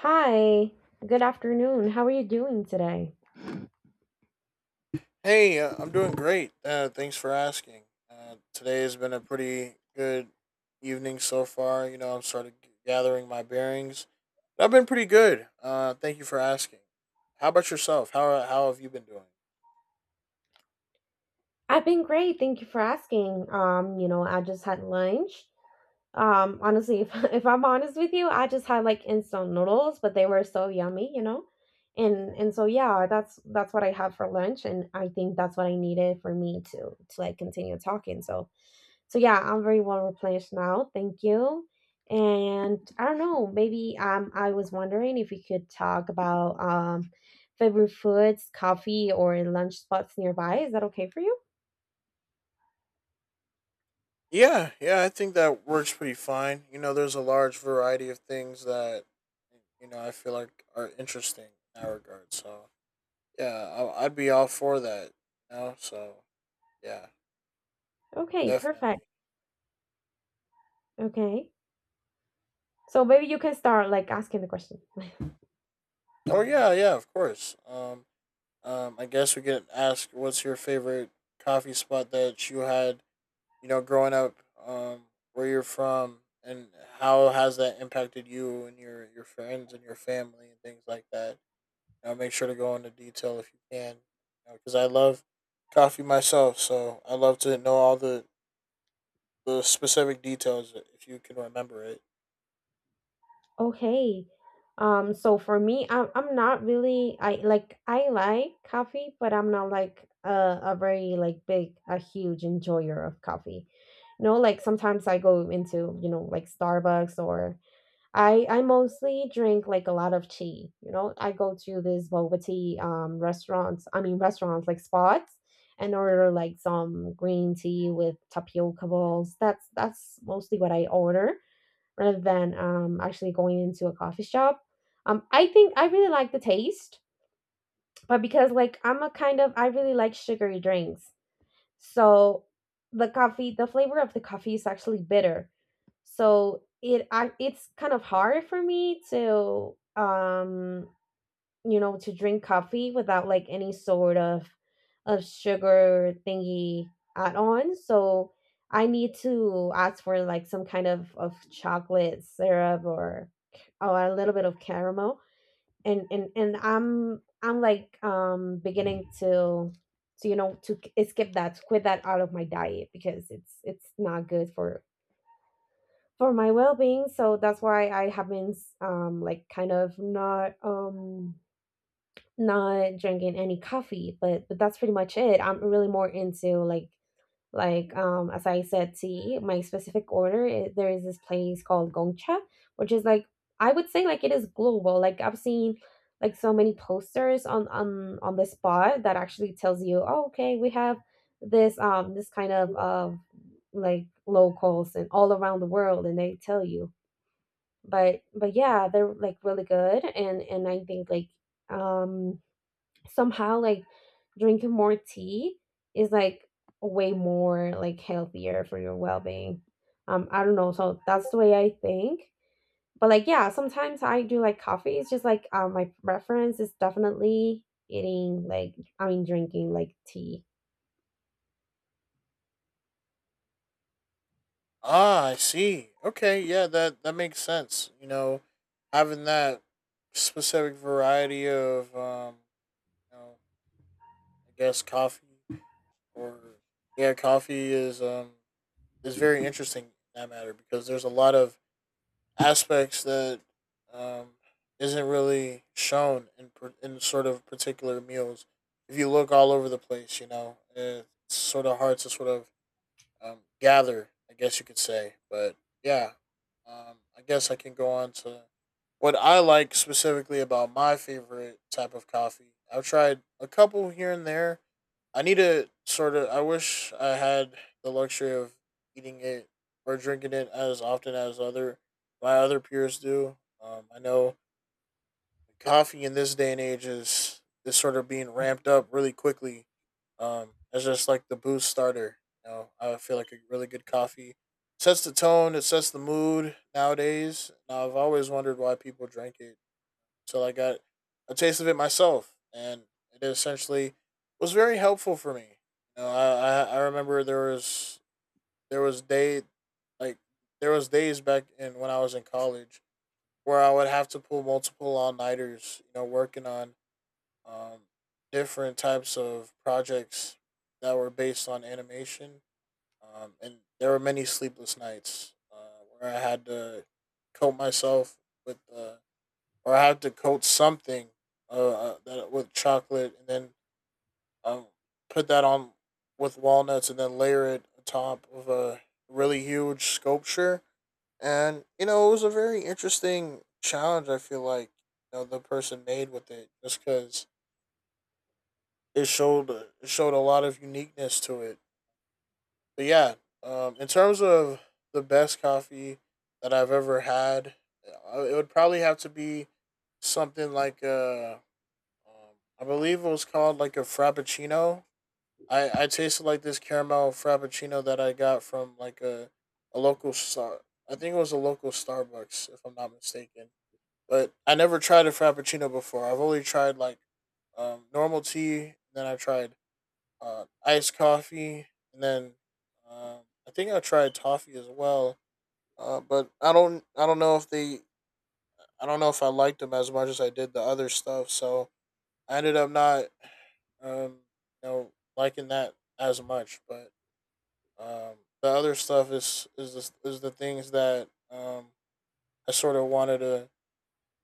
Hi, good afternoon. How are you doing today? Hey, I'm doing great. Thanks for asking. Today has been a pretty good evening so far. You know, I'm sort of gathering my bearings. I've been pretty good. Thank you for asking. How about yourself? How have you been doing? I've been great. Thank you for asking. I just had lunch. Honestly, if if I'm honest with you, I just had like instant noodles, but They were so yummy, And so yeah, that's what I had for lunch and I think that's what I needed for me to like continue talking. So yeah, I'm very well replenished now. Thank you. And I don't know, maybe I was wondering if we could talk about favorite foods, coffee or lunch spots nearby. Is that okay for you? Yeah, yeah, I think that works pretty fine. You know, there's a large variety of things that you know I feel like are interesting in that regard. So yeah, I'd be all for that. You know, so yeah, Okay, perfect. definitely. Okay. So maybe you can start like asking the question. Oh yeah, yeah, of course. I guess we could ask what's your favorite coffee spot that you had, you know, growing up, um, where you're from, and how has that impacted you and your friends and your family and things like that. You know, make sure to go into detail if you can, because you know, I love coffee myself, so I love to know the specific details if you can remember it. Okay. So for me, I'm not really I like coffee, but I'm not like a very like big a huge enjoyer of coffee. No, like sometimes I go into, you know, like Starbucks or I mostly drink like a lot of tea. You know, I go to these boba tea restaurants, I mean restaurants like spots and order like some green tea with tapioca balls. That's mostly what I order rather than actually going into a coffee shop. I think I really like the taste, but because like I'm a kind of I really like sugary drinks, so the coffee, the flavor of the coffee is actually bitter. So it it's kind of hard for me to you know, to drink coffee without like any sort of sugar thingy add on. So I need to ask for like some kind of chocolate syrup or a little bit of caramel. And I'm like beginning to you know to skip that to quit that out of my diet because it's not good for my well-being. So that's why I have been like kind of not not drinking any coffee, but That's pretty much it. I'm really more into like, as I said, tea. My specific order is, there is this place called Gongcha, which is like I would say like it is global. Like I've seen like so many posters on the spot that actually tells you, oh, okay, we have this this kind of like locals and all around the world, and they tell you. But yeah, they're like really good, and I think like um somehow like drinking more tea is like way more like healthier for your well-being. I don't know, so that's the way I think. But like yeah, sometimes I do like coffee. It's just like my preference is definitely eating like I mean drinking like tea. Ah, I see. Okay, yeah, that makes sense. You know, having that specific variety of know, I guess coffee or yeah, coffee is is very interesting in that matter because there's a lot of aspects that um isn't really shown in sort of particular meals. If you look all over the place, you know, it's sort of hard to sort of gather, I guess you could say. But yeah, I guess I can go on to what I like specifically about my favorite type of coffee. I've tried a couple here and there. I need to sort of. I wish I had the luxury of eating it or drinking it as often as other my other peers do. I know coffee in this day and age is sort of being ramped up really quickly. As just like the boost starter. You know, I feel like a really good coffee sets the tone. It sets the mood nowadays. Now I've always wondered why people drink it till I got a taste of it myself, and it essentially was very helpful for me. You know, I remember there was day like there was days back in when I was in college where I would have to pull multiple all nighters. You know, working on um, different types of projects that were based on animation, and there were many sleepless nights where I had to cope myself with the or I have to coat something that, with chocolate and then um, put that on with walnuts and then layer it on top of a really huge sculpture. And, you know, it was a very interesting challenge, I feel like, you know, the person made with it just because it showed a lot of uniqueness to it. But yeah, in terms of the best coffee that I've ever had, it would probably have to be something like I believe it was called like a frappuccino. I tasted like this caramel frappuccino that I got from like a local star. I think it was a local Starbucks, if I'm not mistaken. But I never tried a frappuccino before. I've only tried like normal tea. Then I tried iced coffee, and then um, I think I tried toffee as well. But I don't know if they I don't know if I liked them as much as I did the other stuff. So I ended up not um, you know, liking that as much. But the other stuff is the things that I sort of wanted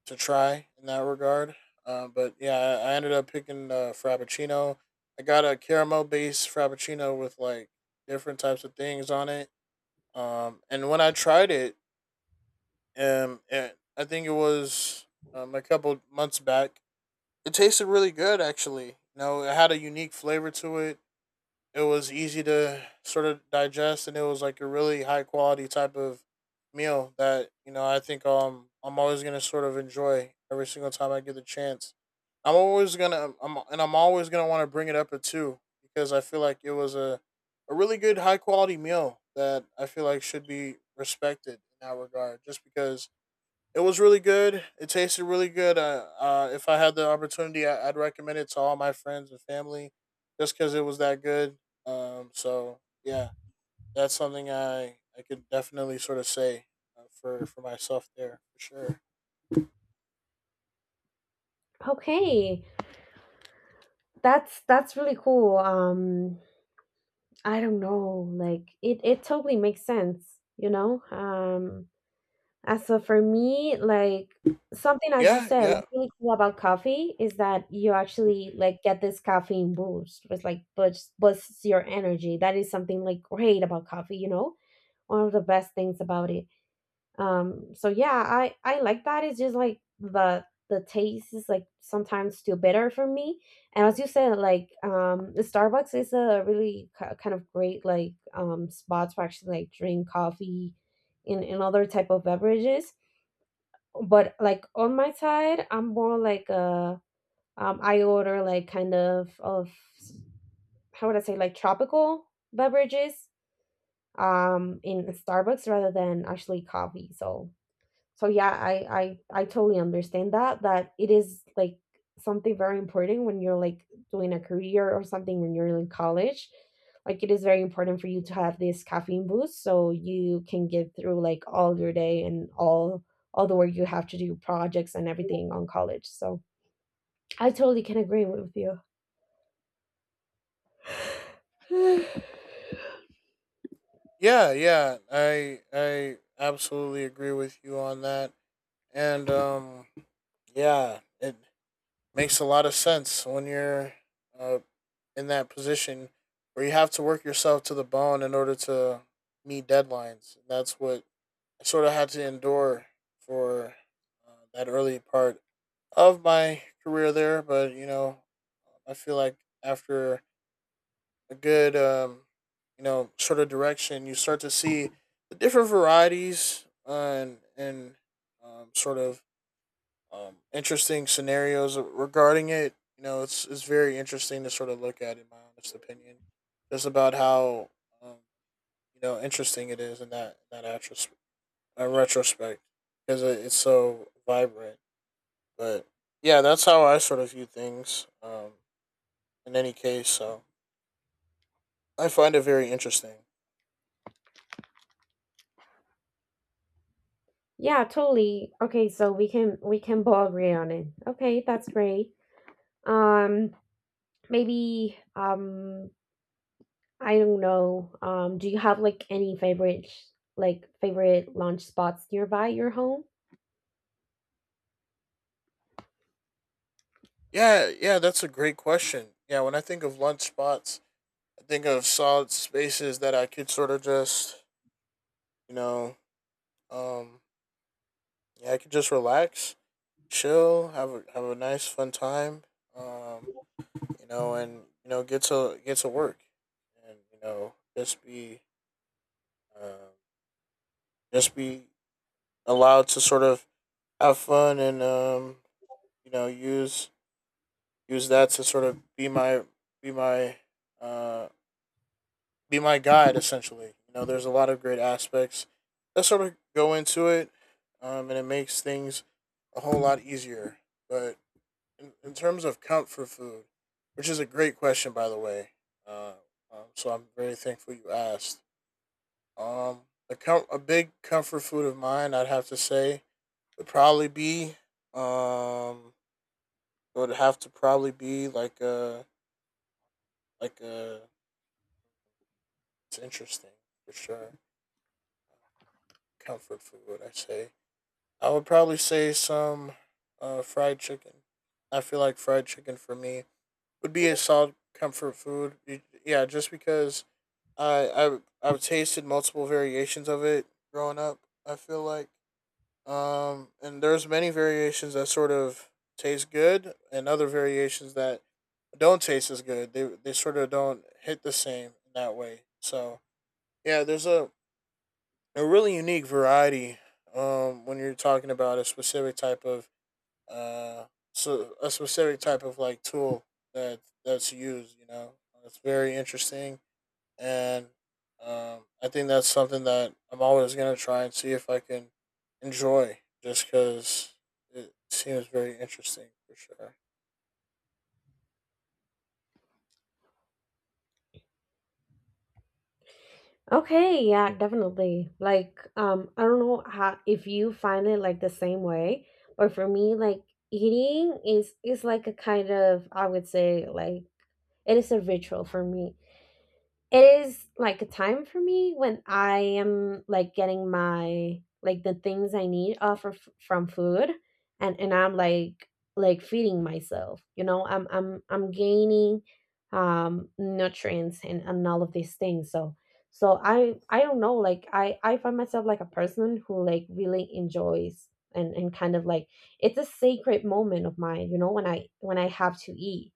to try in that regard. But yeah, I ended up picking Frappuccino. I got a caramel based Frappuccino with like different types of things on it. And when I tried it, I think it was a couple months back. It tasted really good, actually. You know, it had a unique flavor to it it was easy to sort of digest, and it was like a really high quality type of meal that you know I think I'm always gonna sort of enjoy every single time I get the chance. I'm always gonna I'm always gonna want to bring it up at two because I feel like it was a really good high quality meal that I feel like should be respected in that regard. Just because it was really good. It tasted really good. If I had the opportunity, I'd recommend it to all my friends and family, just because it was that good. So yeah, that's something I could definitely sort of say for myself there for sure. Okay, that's really cool. I don't know, like it totally makes sense, you know. Um, and so for me, like something as you Yeah, said, yeah, like really cool about coffee is that you actually like get this caffeine boost, which like boosts your energy. That is something like great about coffee, you know, one of the best things about it. So yeah, I like that. It's just like the taste is like sometimes too bitter for me. And as you said, like Starbucks is a really kind of great like spot to actually like drink coffee, in other type of beverages. But like on my side I'm more like I order like kind of how would I say like tropical beverages in Starbucks rather than actually coffee. So so yeah, I totally understand that that it is like something very important when you're like doing a career or something when you're in college. Like it is very important for you to have this caffeine boost so you can get through like all your day and all the work you have to do, projects and everything on college. So I totally can agree with you. yeah, yeah. I absolutely agree with you on that. And yeah, it makes a lot of sense when you're uh, in that position where you have to work yourself to the bone in order to meet deadlines. That's what I sort of had to endure for that early part of my career there. But, you know, I feel like after a good, you know, sort of direction, you start to see the different varieties and sort of interesting scenarios regarding it. You know, it's very interesting to sort of look at, in my honest opinion, just about how um, you know interesting it is in that retrospect because it's so vibrant. But yeah, that's how I sort of view things. In any case, so I find it very interesting. Yeah, totally. Okay, so we can both agree on it. Okay, that's great. Um, maybe I don't know. Do you have like any favorite like favorite lunch spots nearby your home? Yeah, yeah, that's a great question. Yeah, when I think of lunch spots, I think of solid spaces that I could sort of just, you know, um, yeah, I could just relax, chill, have a nice fun time. Um, you know, and you know, get to work, and you know, um, just be allowed to sort of have fun and you know, use that to sort of be my be my uh be my guide essentially. You know, there's a lot of great aspects that sort of go into it, and it makes things a whole lot easier. But in terms of comfort food, which is a great question, by the way. Uh, so I'm very thankful you asked. Um, a big comfort food of mine, I'd have to say, would probably be um, would have to probably be like a. It's interesting for sure. Comfort food, I say. I would probably say some fried chicken. I feel like fried chicken for me would be a solid comfort food. Yeah, just because I I've tasted multiple variations of it growing up. I feel like and there's many variations that sort of taste good and other variations that don't taste as good. They sort of don't hit the same in that way. So, yeah, there's a really unique variety when you're talking about a specific type of uh a specific type of like tool that's used, you know. It's very interesting and I think that's something that I'm always gonna try and see if I can enjoy, just because it seems very interesting for sure. Okay, yeah, definitely. Like, I don't know how if you find it like the same way, but for me, like eating is like a kind of I would say like it is a ritual for me. It is like a time for me when I am like getting my like the things I need off of, from food, and I'm like feeding myself. You know, I'm gaining nutrients and all of these things. So so I don't know. Like I find myself like a person who like really enjoys and kind of like it's a sacred moment of mine. You know, when I have to eat.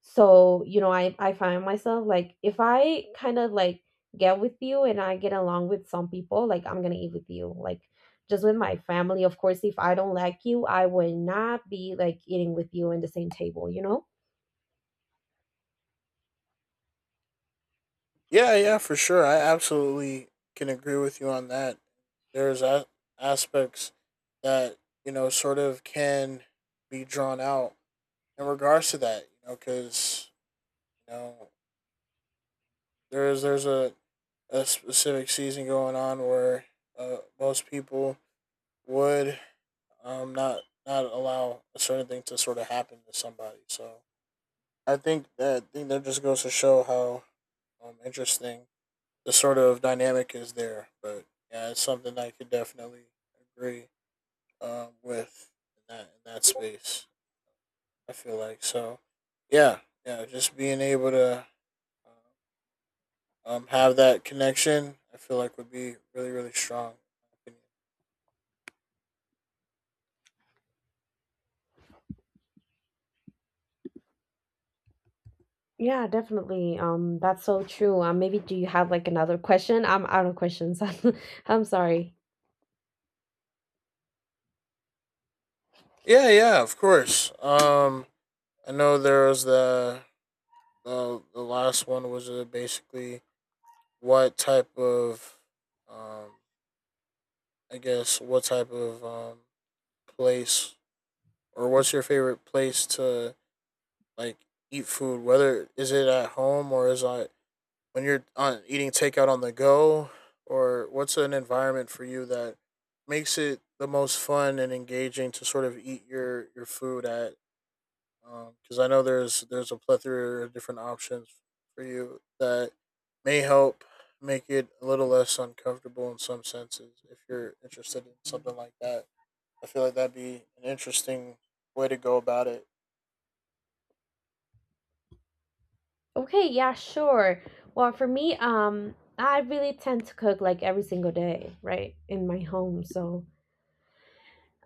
So you know, I find myself like if I kind of like get with you and I get along with some people, like I'm gonna eat with you like just with my family. Of course if I don't like you I will not be like eating with you in the same table, you know. Yeah, yeah, for sure. I absolutely can agree with you on that. There's a- Aspects that you know sort of can be drawn out in regards to that, you know, because you know there's a specific season going on where most people would um, not not allow a certain thing to sort of happen to somebody. So I think that just goes to show how interesting the sort of dynamic is there. But yeah, it's something I could definitely agree with in that space. I feel like so. Yeah, yeah. Just being able to uh, have that connection, I feel like would be really really strong. Yeah, definitely. That's so true. Maybe do you have like another question? I'm out of questions. I'm sorry. Yeah, yeah. Of course. I know there was the last one was basically what type of um I guess what type of um place or what's your favorite place to like eat food whether is it at home or is it when you're on eating takeout on the go or what's an environment for you that makes it the most fun and engaging to sort of eat your food at because I know there's a plethora of different options for you that may help make it a little less uncomfortable in some senses. If you're interested in something like that, I feel like that'd be an interesting way to go about it. Okay, yeah, sure. Well, for me, I really tend to cook like every single day, right, in my home. So,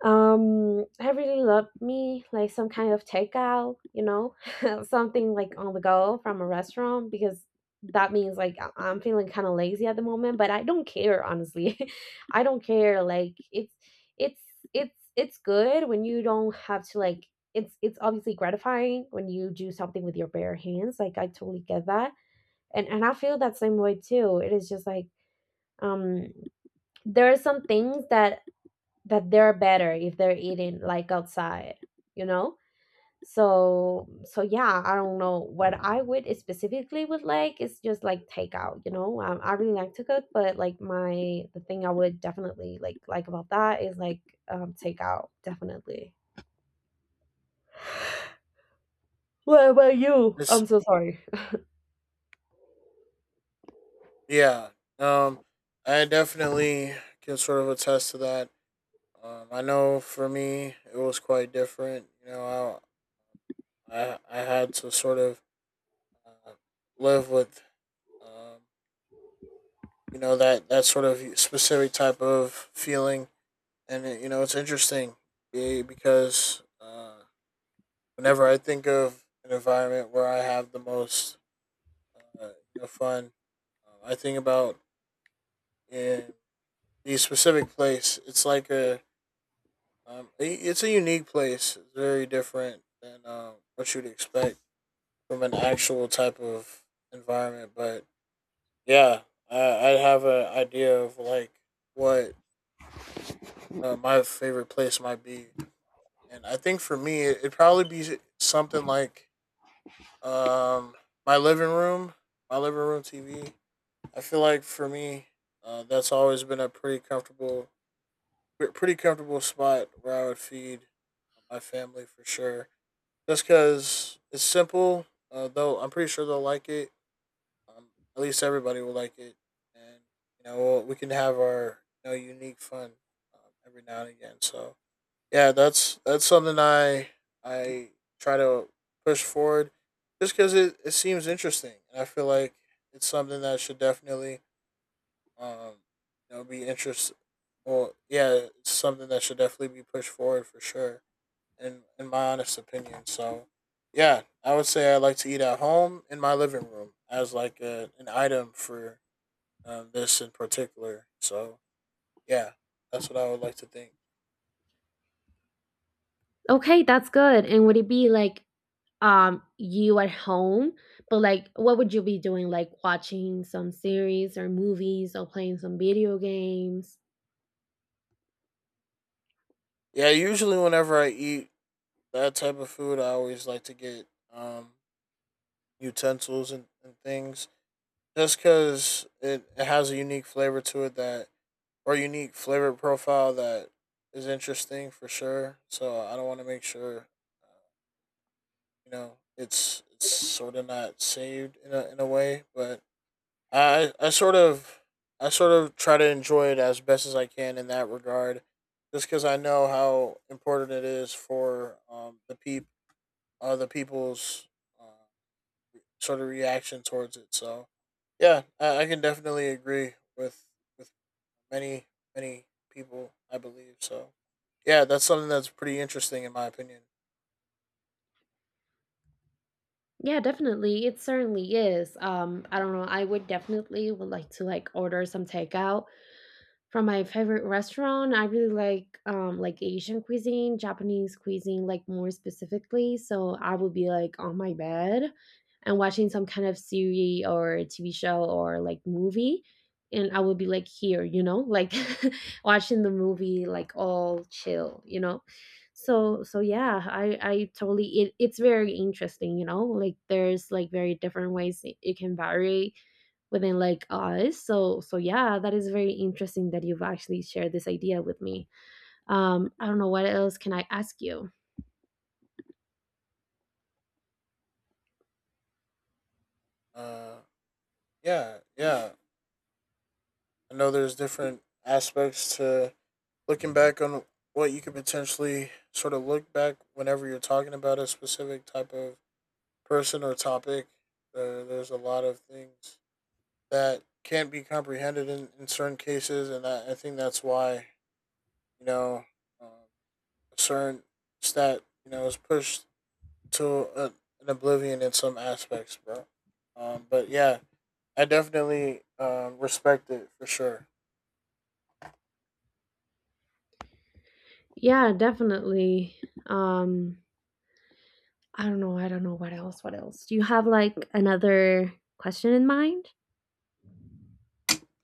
I really love me like some kind of takeout, you know, something like on the go from a restaurant because that means like I'm feeling kind of lazy at the moment, but I don't care honestly. I don't care, like it's it's good when you don't have to like it's obviously gratifying when you do something with your bare hands. Like I totally get that. And I feel that same way too. It is just like um there are some things that that they're better if they're eating like outside, you know. So so yeah, I don't know what I would specifically would like is just like takeout, you know. I really like to cook but like my the thing I would definitely like about that is like takeout definitely. What about you? This, I'm so sorry. yeah, um, I definitely can sort of attest to that. I know for me, it was quite different. You know, I had to sort of uh, live with. Um, you know that sort of specific type of feeling, and it, you know it's interesting because whenever I think of an environment where I have the most uh, fun, I think about in the specific place. It's like a it's a unique place. It's very different than what you'd expect from an actual type of environment, but yeah, I have an idea of like what. Um, my favorite place might be, and I think for me, it'd probably be something like um my living room, my living room TV. I feel like for me, that's always been a pretty comfortable, pretty comfortable spot where I would feed my family for sure. Just because it's simple, though, I'm pretty sure they'll like it. Um, at least everybody will like it, and we can have our unique fun every now and again. So yeah, that's something I try to push forward, just because it seems interesting, and I feel like it's something that should definitely um be interest. Well, yeah, it's something that should definitely be pushed forward for sure, in my honest opinion. So, yeah, I would say I like to eat at home in my living room as like an item for this in particular. So, yeah, that's what I would like to think. Okay, that's good. And would it be like you at home, but like what would you be doing? Like watching some series or movies or playing some video games? Yeah, usually whenever I eat that type of food, I always like to get um, utensils and things just because it has a unique flavor to it that, or unique flavor profile that is interesting for sure. So I don't want to make sure, uh, it's sort of not saved in in a way, but I, I sort of, I sort of try to enjoy it as best as I can in that regard, just because I know how important it is for the people's uh, sort of reaction towards it. So, yeah, I can definitely agree with with many many people. I believe so. Yeah, that's something that's pretty interesting in my opinion. Yeah, definitely. It certainly is. I don't know. I would definitely would like to like order some takeout from my favorite restaurant. I really like Asian cuisine, Japanese cuisine, like more specifically. So I would be like on my bed and watching some kind of series or TV show or like movie. And I would be like here, you know, like watching the movie like all chill, you know? So so yeah, I totally it's very interesting, you know, like there's like very different ways it can vary within like us. So so yeah, that is very interesting that you've actually shared this idea with me. I don't know what else can I ask you. Uh, yeah, yeah. I know there's different aspects to looking back on what you could potentially sort of look back whenever you're talking about a specific type of person or topic. There's a lot of things that can't be comprehended in certain cases, and I think that's why you know, um, a certain stat you know, is pushed to an oblivion in some aspects, bro. But yeah, I definitely respect it for sure. Yeah, definitely. Um, I don't know. I don't know what else. What else? Do you have like another question in mind?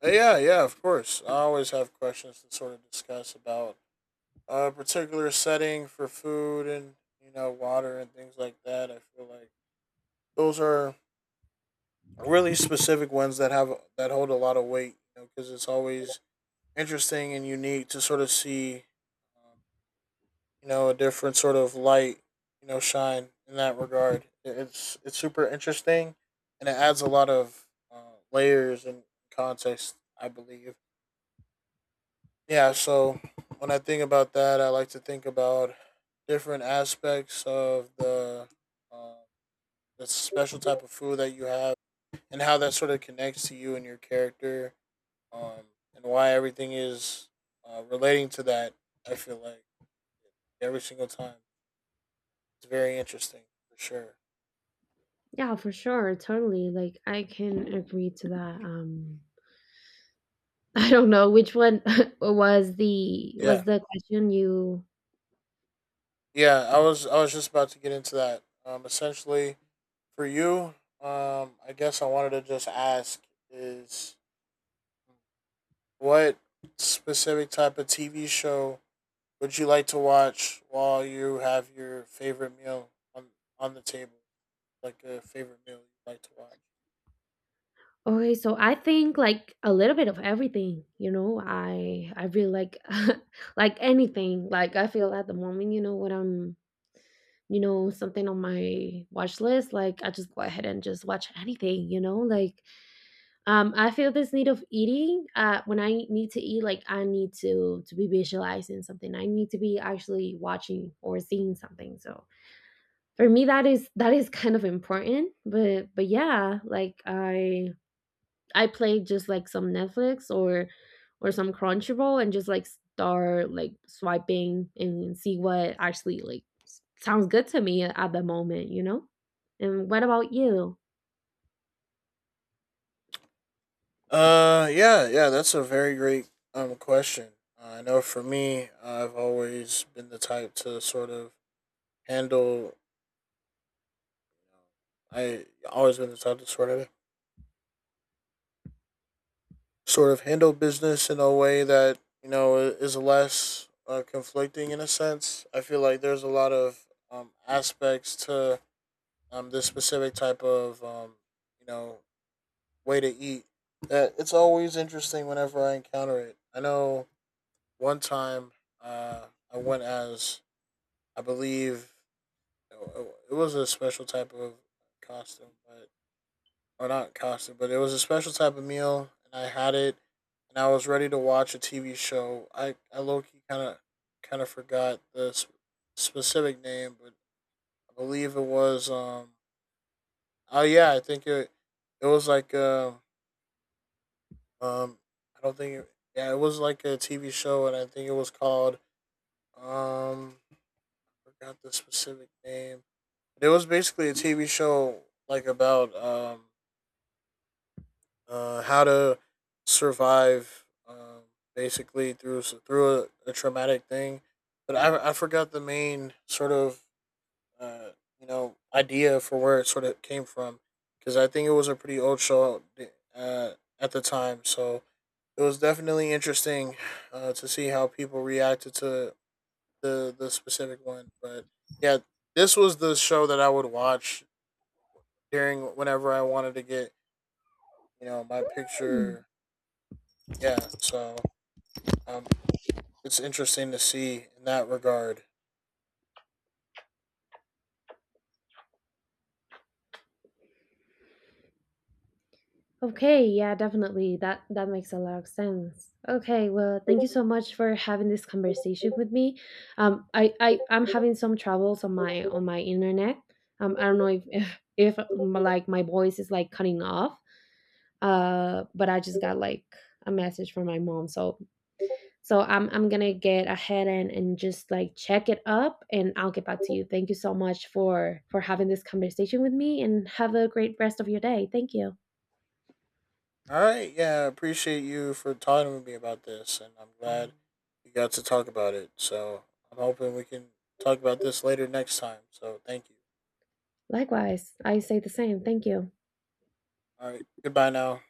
Yeah, yeah, of course. I always have questions to sort of discuss about a particular setting for food and, you know, water and things like that. I feel like those are really specific ones that have that hold a lot of weight, you know, because it's always interesting and unique to sort of see um, a different sort of light shine in that regard. It's super interesting, and it adds a lot of layers and context, I believe. Yeah, so when I think about that, I like to think about different aspects of uh, the special type of food that you have and how that sort of connects to you and your character, um, and why everything is relating to that. I feel like every single time it's very interesting for sure. Yeah, for sure. Totally. Like I can agree to that. I don't know which one Yeah, was the question you. yeah. I was just about to get into that. Essentially, for you, I guess I wanted to just ask is what specific type of TV show would you like to watch while you have your favorite meal on the table, like a favorite meal you like to watch? Okay, so I think like a little bit of everything, you know. I really like like anything. Like I feel at the moment, you know, when I'm, you know, something on my watch list, like I just go ahead and just watch anything, you know? Like I feel this need of eating. When I need to eat, like I need to be visualizing something. I need to be actually watching or seeing something. So for me that is kind of important. But yeah, like I play just like some Netflix or some Crunchyroll and just like start like swiping and see what actually like sounds good to me at the moment, you know? And what about you? Yeah, yeah. That's a very great question. I know for me, I've always been the type to sort of handle. Um, I always been the type to sort of handle business in a way that you know is less conflicting in a sense. I feel like there's a lot of aspects to this specific type of you know way to eat that it's always interesting whenever I encounter it. I know one time uh, I went as I believe it it was a special type of costume, but or not costume, but it was a special type of meal, and I had it, and I was ready to watch a TV show. I low key kind of forgot the specific name, but I believe it was oh yeah, I think it was like um I don't think it, yeah it was like a TV show, and I think it was called um forgot the specific name. But it was basically a TV show like about how to survive basically through a traumatic thing. But I forgot the main sort of uh, you know idea for where it sort of came from because I think it was a pretty old show uh, at the time. So it was definitely interesting to see how people reacted to the specific one. But yeah, this was the show that I would watch during whenever I wanted to get you know my Hmm. picture. Yeah, so um, it's interesting to see in that regard. Okay, yeah, definitely. That that makes a lot of sense. Okay, well, thank you so much for having this conversation with me. I'm having some troubles on my internet. I don't know if if like my voice is like cutting off. But I just got like a message from my mom. So so I'm gonna get ahead and just like check it up, and I'll get back to you. Thank you so much for having this conversation with me, and have a great rest of your day. Thank you. All right, yeah, I appreciate you for talking with me about this, and I'm glad you got to talk about it. So I'm hoping we can talk about this later next time. So thank you. Likewise, I say the same. Thank you. All right, goodbye now.